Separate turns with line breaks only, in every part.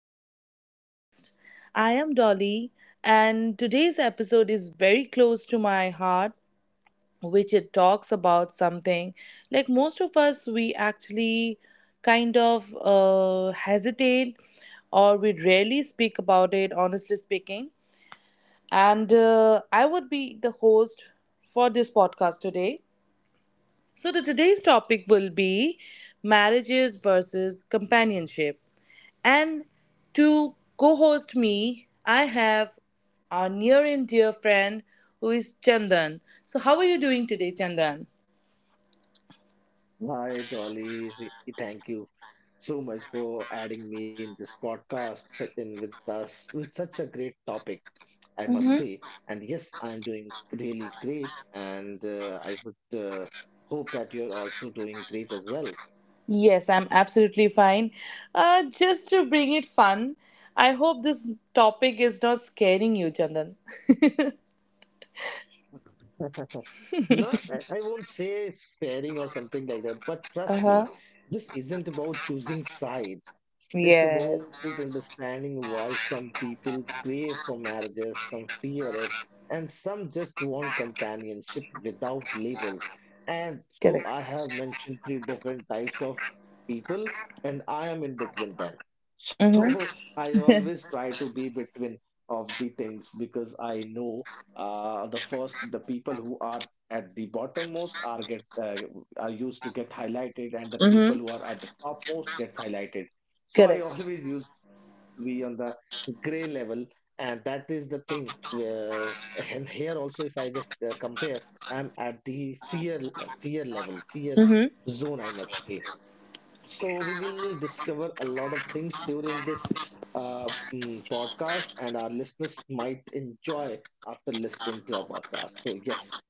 back to my podcast. I am Dolly, and today's episode is very close to my heart, which it talks about something like most of us, we actually kind of hesitate or we rarely speak about it, honestly speaking. And I would be the host for this podcast today. So, the today's topic will be marriages versus companionship. And to co host me, I have our near and dear friend who is Chandan. So, how are you doing today, Chandan? Yes, I'm absolutely fine. Just to bring it fun, I hope this topic is not scaring you, Chandan. Uh huh. Yes. Correct. Mm hmm. Mm hmm. Correct.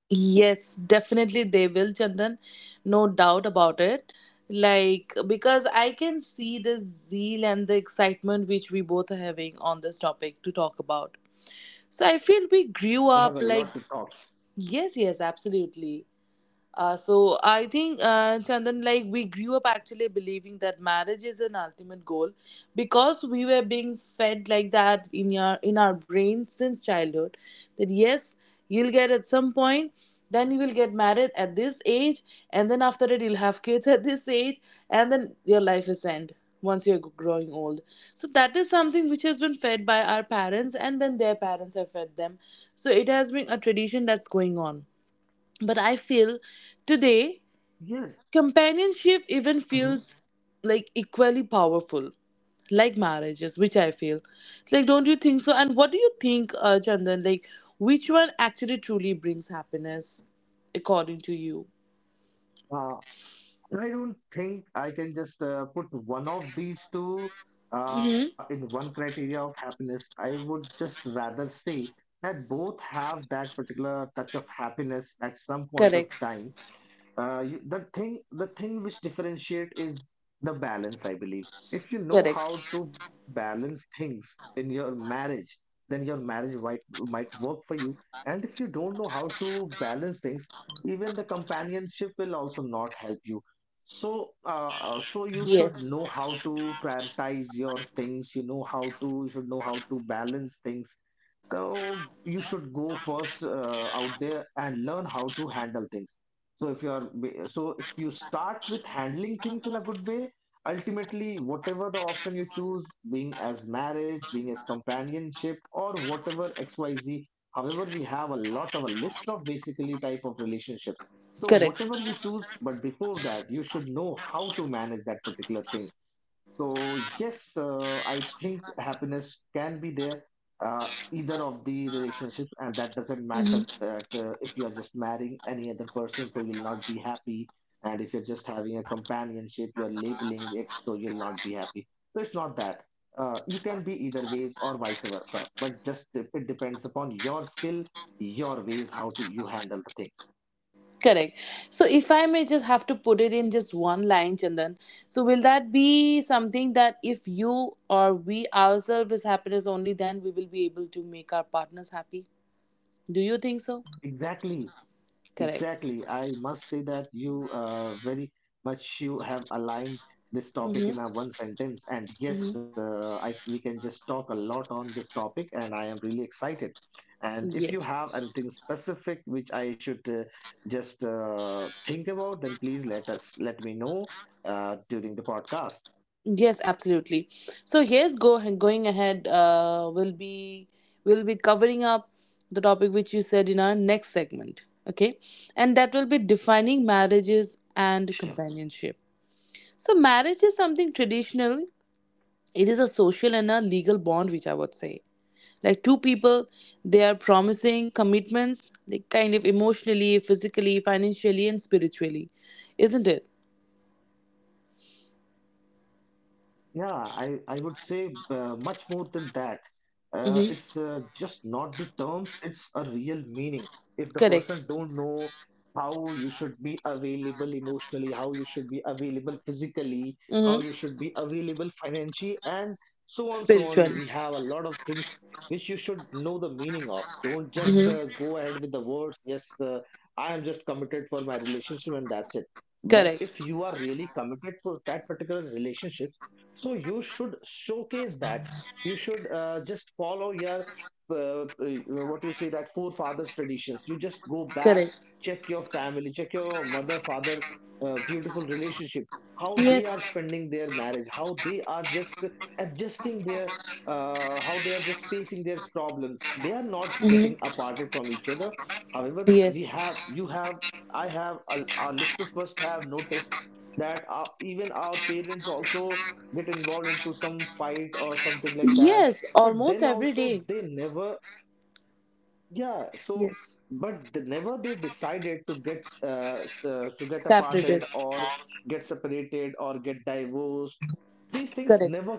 Yes, definitely they will, Chandan. No doubt about it. Like, because I can see the zeal and the excitement which we both are having on this topic to talk about. So I feel we grew up like, yes, yes, absolutely. So I think, Chandan, like we grew up actually believing that marriage is an ultimate goal because we were being fed like that in your in our brain since childhood. That yes, you'll get at some point, then you will get married at this age, and then after that you'll have kids at this age, and then your life is end once you're growing old. So that is something which has been fed by our parents, and then their parents have fed them. So it has been a tradition that's going on. But I feel today companionship even feels like equally powerful, like marriages, which I feel. Like, don't you think so? And what do you think, Chandan? Like, which one actually truly brings happiness, according to you? Mm-hmm. Correct. Correct. Yes. Correct. Correct. So, if I may just have to put it in just one line, Chandan, so will that be something that if you or we ourselves is happiness only, then we will be able to make our partners happy? Do you think so? Correct. Mm-hmm. Mm-hmm. Yes. Yes, absolutely. So, yes, go going ahead. Will be covering up the topic which you said in our next segment. Okay, and that will be defining marriages and companionship. So, marriage is something traditional. It is a social and a legal bond, which I would say. Like two people, they are promising commitments, like kind of emotionally, physically, financially, and spiritually, isn't it? Mm-hmm. Correct. Mm-hmm. Spiritually. Mm-hmm. Correct. Correct. Yes. Yes. Yes. Almost every day. Yes. Separated. Correct.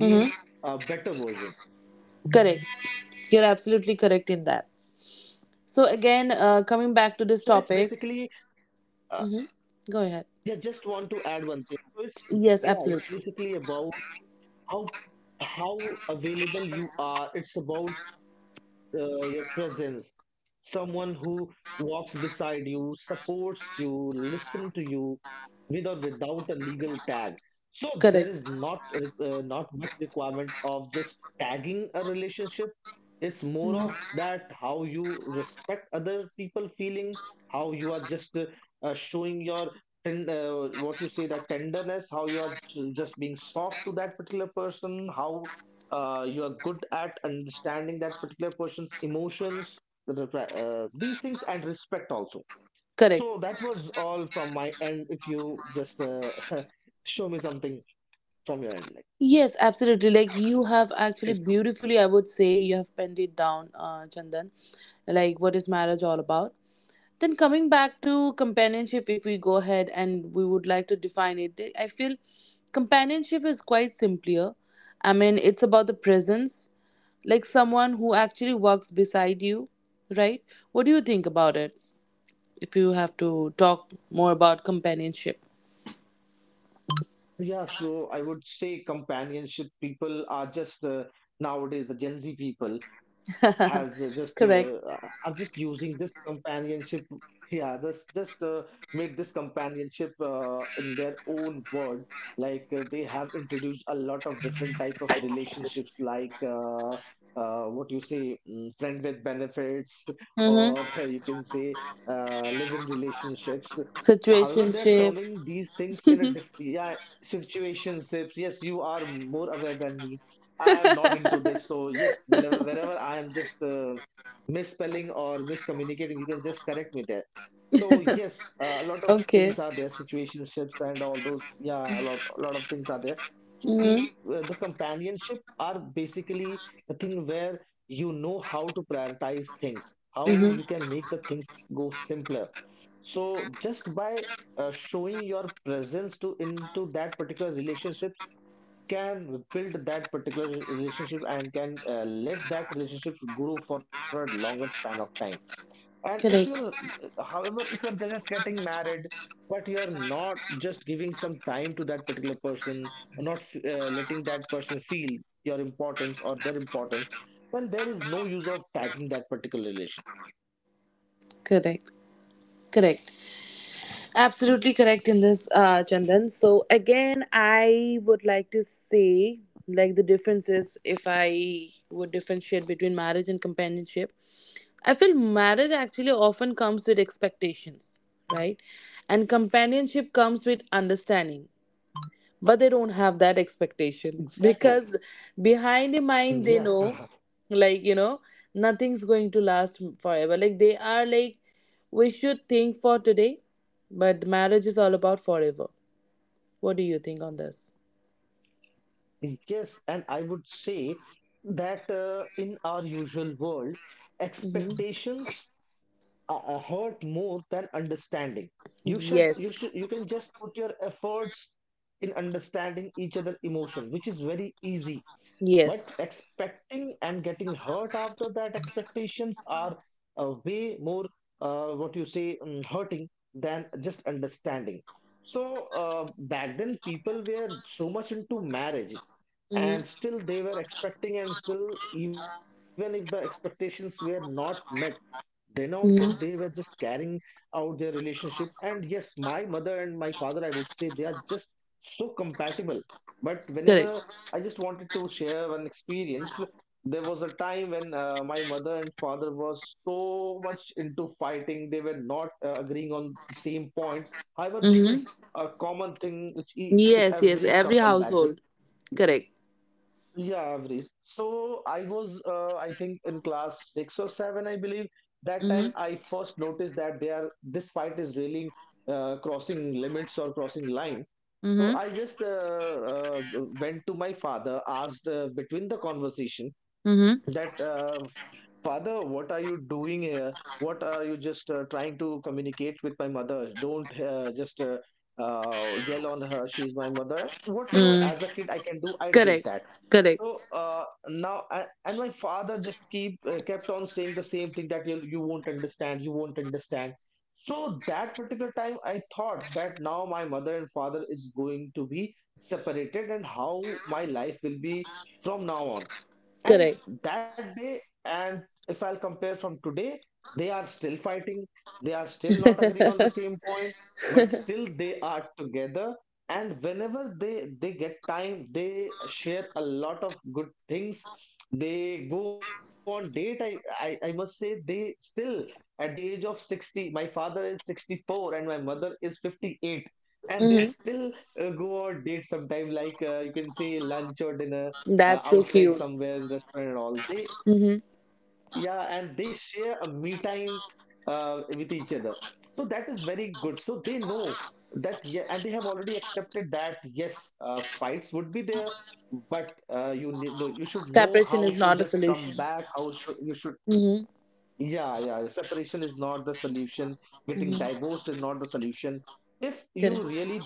Mm-hmm. Correct. You're absolutely correct in that. So again, coming back to this topic, mm-hmm. Go ahead. Yes, absolutely. Correct. Mhm. Correct. Yes, absolutely. Like you have actually beautifully, I would say, you have penned it down, Chandan. Like what is marriage all about? Then coming back to companionship, if we go ahead and we would like to define it, I feel companionship is quite simpler. I mean, it's about the presence, like someone who actually walks beside you, right? What do you think about it? If you have to talk more about companionship. Correct. Mm-hmm. Situationship. Okay. Mm-hmm. Mm-hmm. Correct. Correct. Correct. Absolutely correct in this, Chandan. So again, I would like to say like the differences if I would differentiate between marriage and companionship. I feel marriage actually often comes with expectations, right? And companionship comes with understanding. But they don't have that expectation because behind the mind they know, like you know, nothing's going to last forever. Like they are like we should think for today, but marriage is all about forever. What do you think on this? Hmm. Yes. Yes. Hmm. Hmm. Correct. Hmm. Yes, yes, every household. Correct. Mm-hmm. Mm-hmm. Mm-hmm. Mm. Correct. Correct. Correct. Mm-hmm. That's so cute. Mm-hmm. Separation is not a solution. Mm-hmm. Mm-hmm. Correct.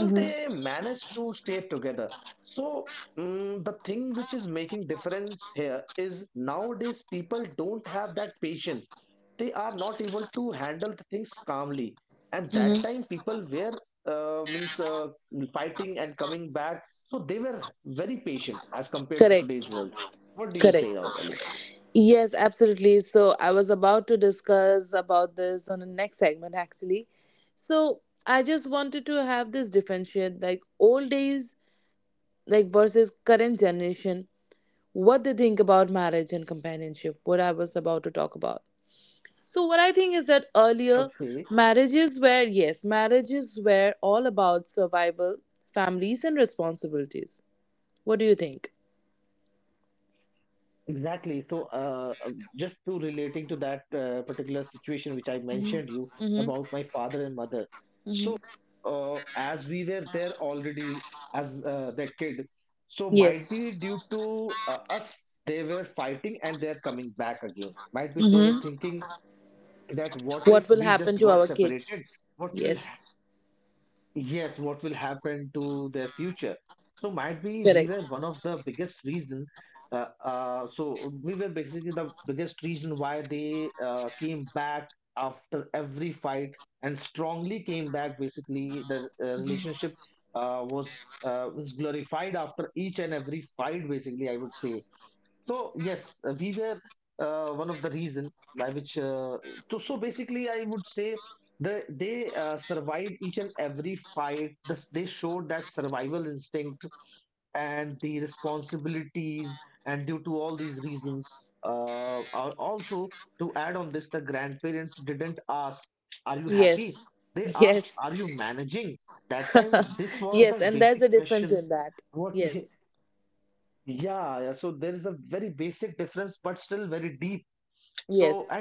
Mm-hmm. Mm-hmm. Correct. Correct. Yes, absolutely. So I was about to discuss about this on the next segment actually. So I just wanted to have this differentiate like old days like versus current generation what they think about marriage and companionship, what I was about to talk about. So what I think is that earlier marriages were yes, marriages were all about survival, families and responsibilities. What do you think? Mm-hmm. Mm-hmm. Mm-hmm. Yes. Mm-hmm. What will happen to our kids? Yes. Correct. Mhm. Yes. Yes. Yes. And there's a difference in that. Yes. Yes.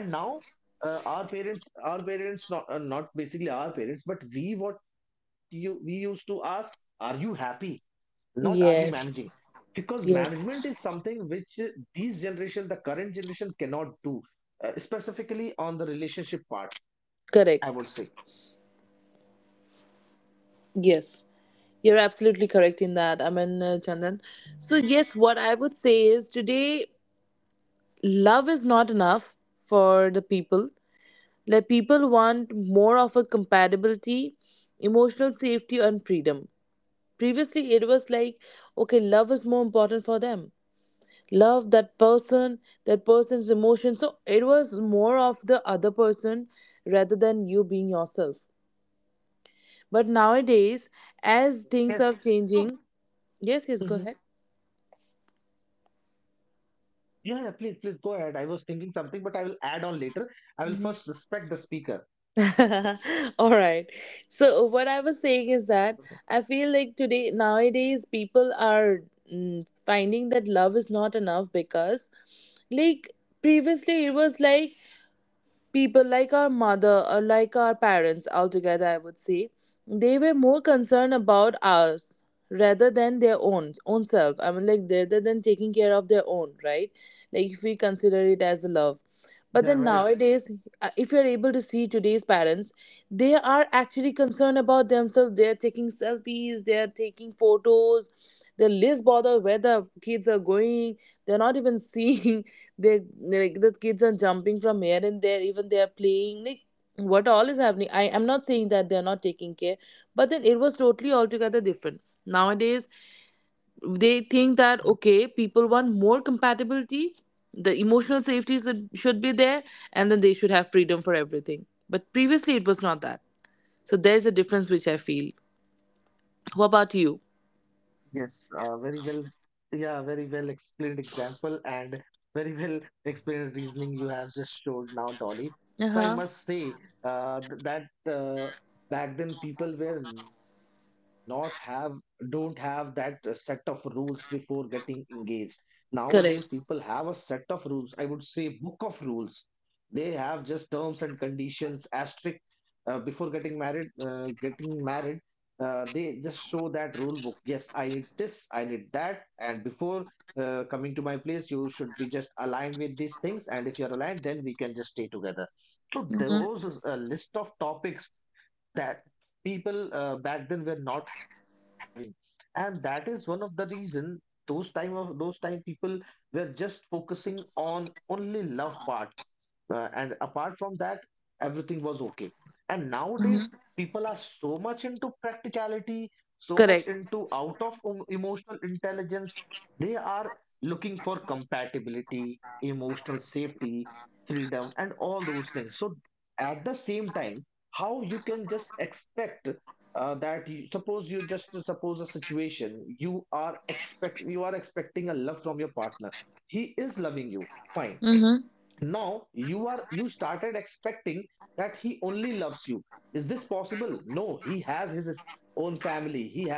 Yes. Yes. Correct. Yes, you're absolutely correct in that, Aman Chandan. So, yes, what I would say is today, love is not enough for the people. Like, people want more of a compatibility, emotional safety, and freedom. Previously, it was like, okay, love is more important for them. Love that person, that person's emotion. So, it was more of the other person rather than you being yourself. But nowadays, as things are changing, yes, yes, go ahead. All right. So what I was saying is that I feel like today nowadays people are finding that love is not enough because like previously it was like people like our mother or like our parents altogether, I would say, they were more concerned about us rather than their own self. I mean, like rather than taking care of their own, right? Like if we consider it as a love. But then nowadays, if you're able to see today's parents, they are actually concerned about themselves. They're taking selfies, they're taking photos, they're less bothered where the kids are going, they're not even seeing. They, like the kids are jumping from here and there, even they are playing like what all is happening. I am not saying that they are not taking care, but then it was totally altogether different nowadays. They think that okay, people want more compatibility, the emotional safety should be there, and then they should have freedom for everything, but previously it was not that. So there's a difference which I feel. What about you? Uh-huh. Correct. Mm-hmm. Mm-hmm. Correct. Mm-hmm.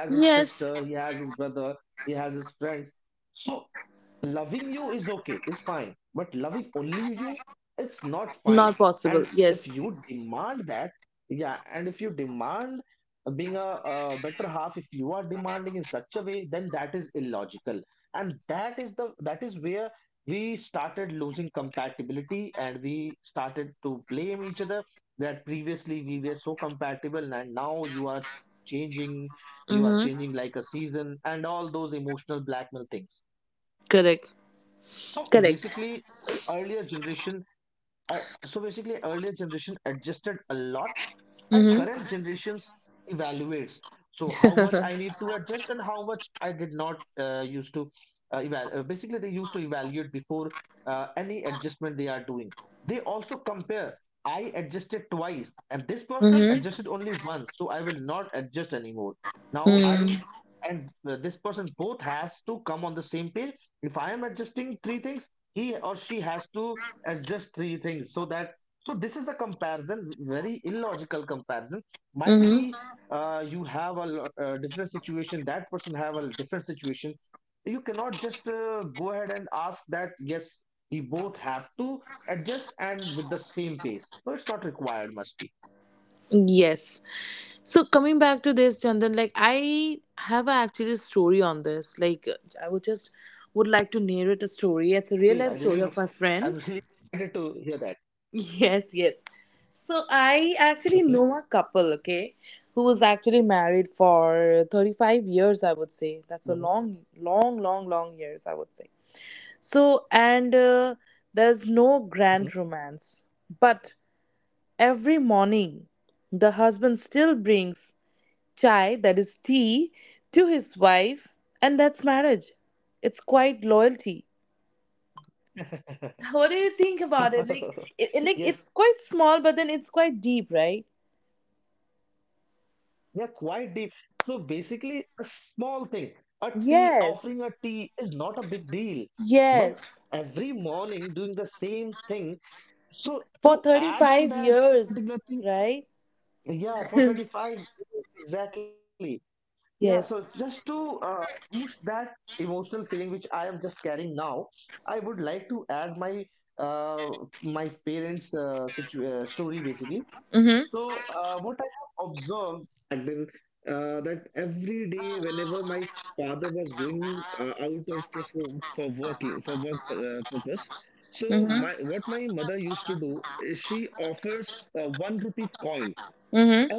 Yes. Not possible, yes. Mm-hmm. Correct. Correct. Mm-hmm. Mm-hmm. Mm-hmm. Mm-hmm. Yes. So coming back to this, Chandan, like I have a actually story on this. Like I would just would like to narrate a story. It's a real life story of my friend. Yes, yes. So I actually know a couple, okay, who was actually married for 35 years, I would say. That's a long, long, long, long years, I would say. So, and there's no grand romance. But every morning, the husband still brings chai, that is tea, to his wife, and that's marriage. It's quite loyalty. What do you think about it? Like, like it's quite small, but then it's quite deep, right? Yes, yes. For 35 years, right? Yes. Mhm. Mhm. Mhm.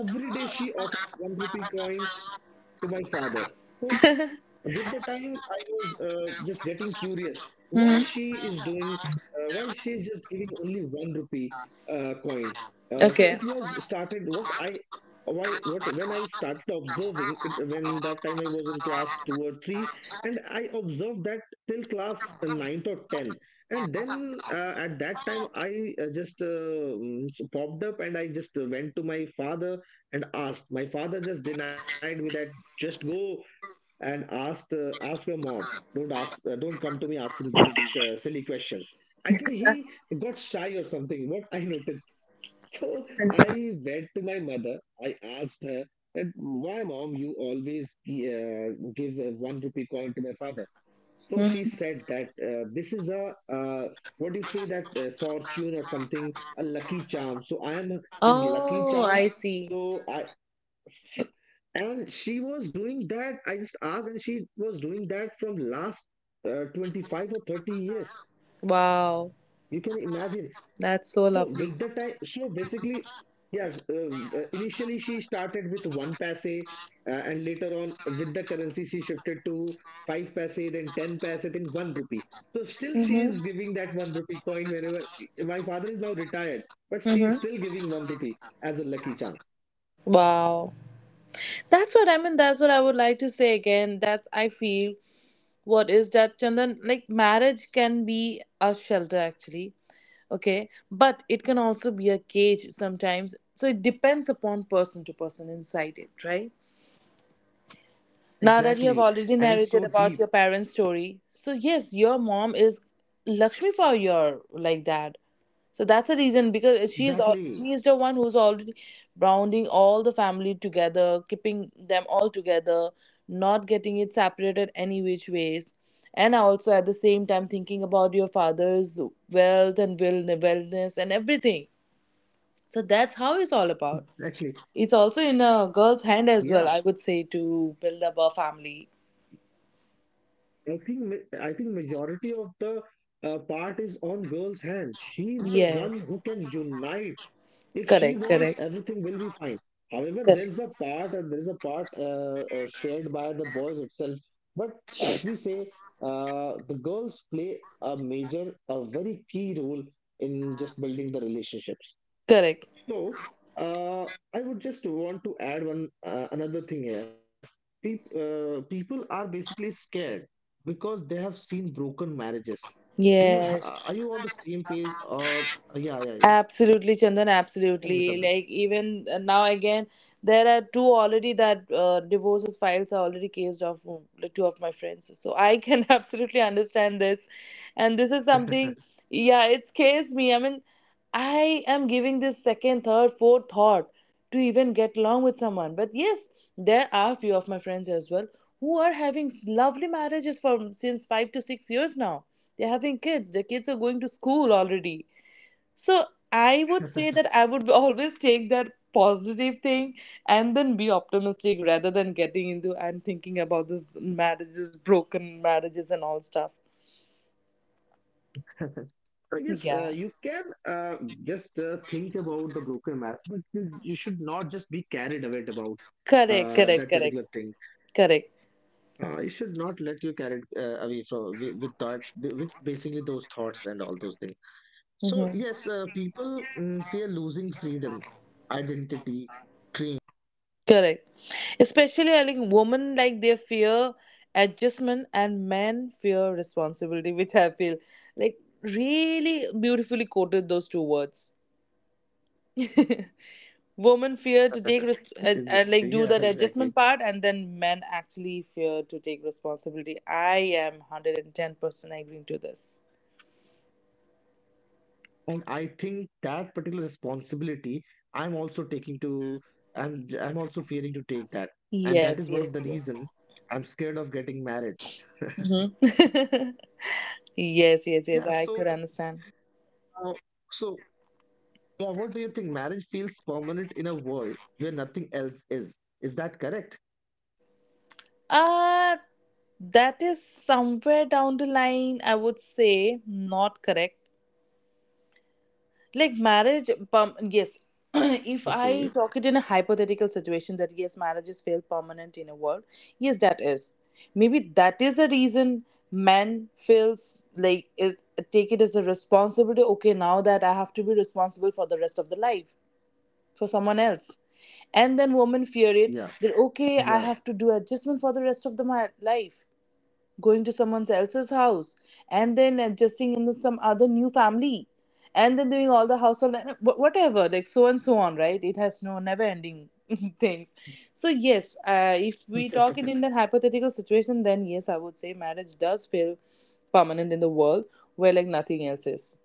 Mhm. Okay. Mhm. Oh, I see. Wow, that's so lovely. Mhm. Mhm. Wow. That's what I mean. That's what I would like to say again. That I feel, what is that, Chandan, like marriage can be a shelter actually, okay, but it can also be a cage sometimes. So it depends upon person to person inside it, right? Now that you have already narrated about your parents story, so yes, your mom is lakshmi for your, like that. So that's the reason, because she is the one who's already rounding all the family together, keeping them all together, not getting it separated any which ways, and also at the same time thinking about your father's wealth and will wellness and everything. So that's how it's all about. It's also in a girl's hand as well, I would say, to build up a family. Yes. Correct, correct, correct, correct. Yes. Absolutely, Chandan, absolutely. Like, even now, again, there are two already that divorces files are already cased off, like two of my friends. So I can absolutely understand this. And this is something, yeah, it's cased me. I mean, I am giving this second, third, fourth thought to even get along with someone. But yes, there are few of my friends as well who are having lovely marriages from since 5 to 6 years now. They're having kids. Their kids are going to school already. So I would say that I would always take that positive thing and then be optimistic rather than getting into and thinking about this marriages, broken marriages, and all stuff. Yeah. Correct, correct, correct, correct. Mm-hmm. Correct. Especially, I think women like they fear adjustment and men fear responsibility, which I feel like really beautifully quoted those two words. Women fear to take
Exactly. Yeah,
like
exactly.
do that adjustment part, and then men actually fear to take responsibility. I am 110% agreeing to this.
And I think that particular responsibility I'm also taking to I'm also fearing to take that. And
Yes
that is
yes
one of the
yes.
reason I'm scared of getting married.
Hmm.
Yeah,
Yes yes
so
yes, I could understand.
uh, so yeah, what do you think? Marriage feels permanent in a world where nothing else is. Is that correct?
uh that is somewhere down the line, I would say, not correct. Yes.
Okay.
If I talk it in a hypothetical situation, that yes, marriages fail permanent in a world. Yes, that is, maybe that is the reason man feels like is, take it as a responsibility. Okay, now that I have to be responsible for the rest of the life for someone else. And then women
Yeah.
fear it that
Yeah.
okay, I have to do adjustment for the rest of the my life, going to someone else's house, and then adjusting in with some other new family, and then doing all the household and whatever, like so and so on, right? It has no never ending things. So yes, if we talk in that hypothetical situation, then yes, I would say marriage does feel permanent in the world where like nothing else is.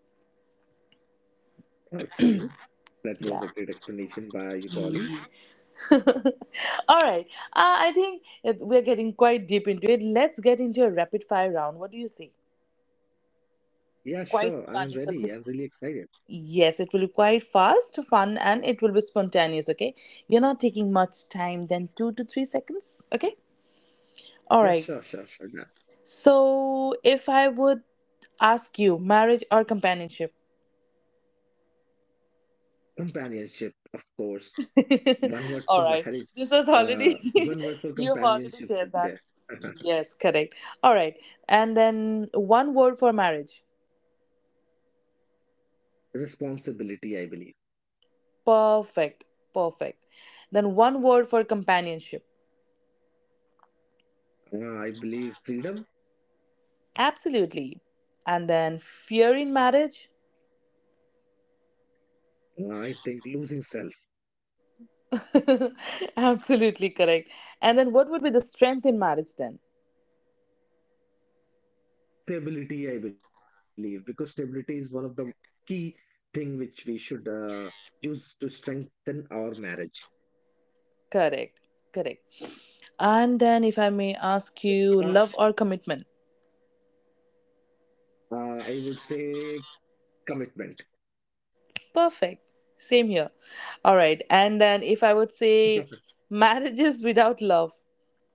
Okay.
Yeah.
That was a great explanation by you, Dolly.
All right. I think we're getting quite deep into it. Let's get into a rapid fire round. What do you say? Quite
Yeah,
fun it
sure.
will
I'm
be.
ready. I'm really excited.
Yes, it will be quite fast, fun, and it will be spontaneous. Okay, you're not taking much time than 2 to 3 seconds. Okay, all right.
Yeah, sure, sure, sure.
So, if I would ask you, marriage or companionship?
Companionship, of course. One word for
All right,
marriage,
this was
one
already
word for
you've already
companionship should
shared
be
that.
there.
Yes, correct. All right, and then one word for marriage.
Responsibility, I believe.
Perfect, perfect. Then one word for companionship.
I believe freedom.
Absolutely. And then fear in marriage.
I think losing self.
Absolutely correct. And then what would be the strength in marriage then?
Stability, I believe, because stability is one of the key thing which we should use to strengthen our marriage.
Correct. Correct. And then if I may ask you,
Uh,
love or commitment?
I would say commitment,
Perfect. Same here. All right. And then if I would say marriages without love,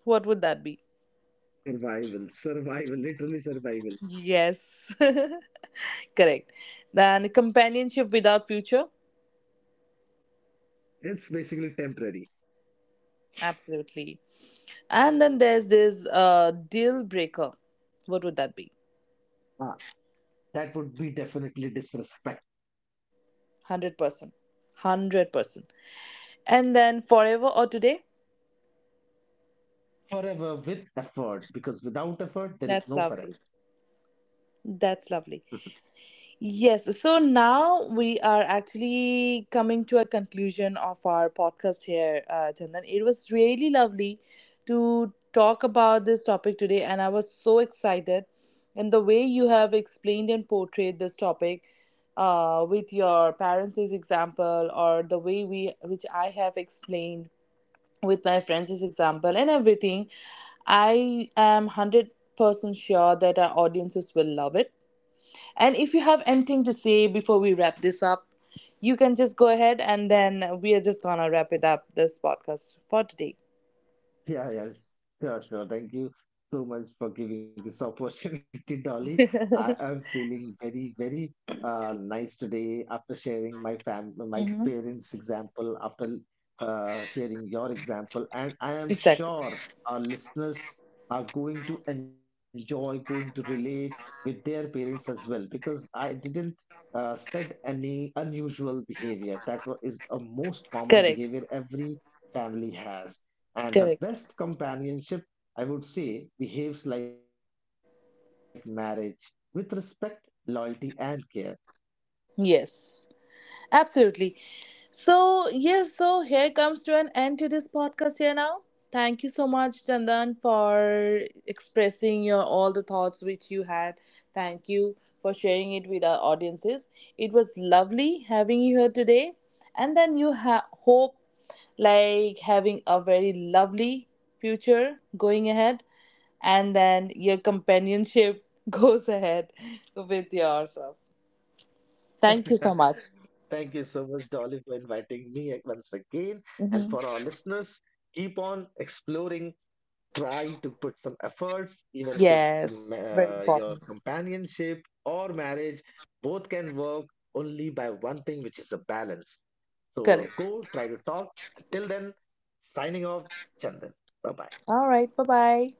what would that be?
survival, survival, literally survival.
Yes. Correct. Then companionship without future?
It's basically temporary.
Absolutely. And then there's this deal breaker. What would that be?
Ah, that would be definitely disrespect.
100%. 100%. And then forever or today?
Forever with effort, because without effort there is
That's
no forever.
lovely. That's lovely. Yes. So now we are actually coming to a conclusion of our podcast here, Chandan. It was really lovely to talk about this topic today, and I was so excited. And the way you have explained and portrayed this topic with your parents' example, or the way we, which I have explained, with my friends' example and everything, I am 100% sure that our audiences will love it. And if you have anything to say before we wrap this up, you can just go ahead and then we are just gonna wrap it up this podcast for today.
Yeah, yeah, sure, sure. Thank you so much for giving this opportunity, Dolly. I am feeling very, very nice today after sharing my
Mhm.
parents' example, after hearing your example, and I am
Exactly.
sure our listeners are going to enjoy, going to relate with their parents as well, because I didn't said any unusual behavior. That is a most common
Correct.
behavior every family has, and the
Correct.
best companionship, I would say, behaves like marriage with respect, loyalty, and care.
Yes. Absolutely. So, yes, so here comes to an end to this podcast here now. Thank you so much, Chandan, for expressing your all the thoughts which you had. Thank you for sharing it with our audiences. It was lovely having you here today. And then you hope like having a very lovely future going ahead and then your companionship goes ahead with yourself. Thank you so
Thank you
much.
so much, Dolly, for inviting me once again. And for our
Mhm.
listeners, keep on exploring. Try to put some efforts, even it is
Yes, very
your
important.
companionship or marriage. Both can work only by one thing, which is a balance. So go
Correct.
try to talk. Till then, signing off, Chandan. Bye bye.
All right. Bye bye.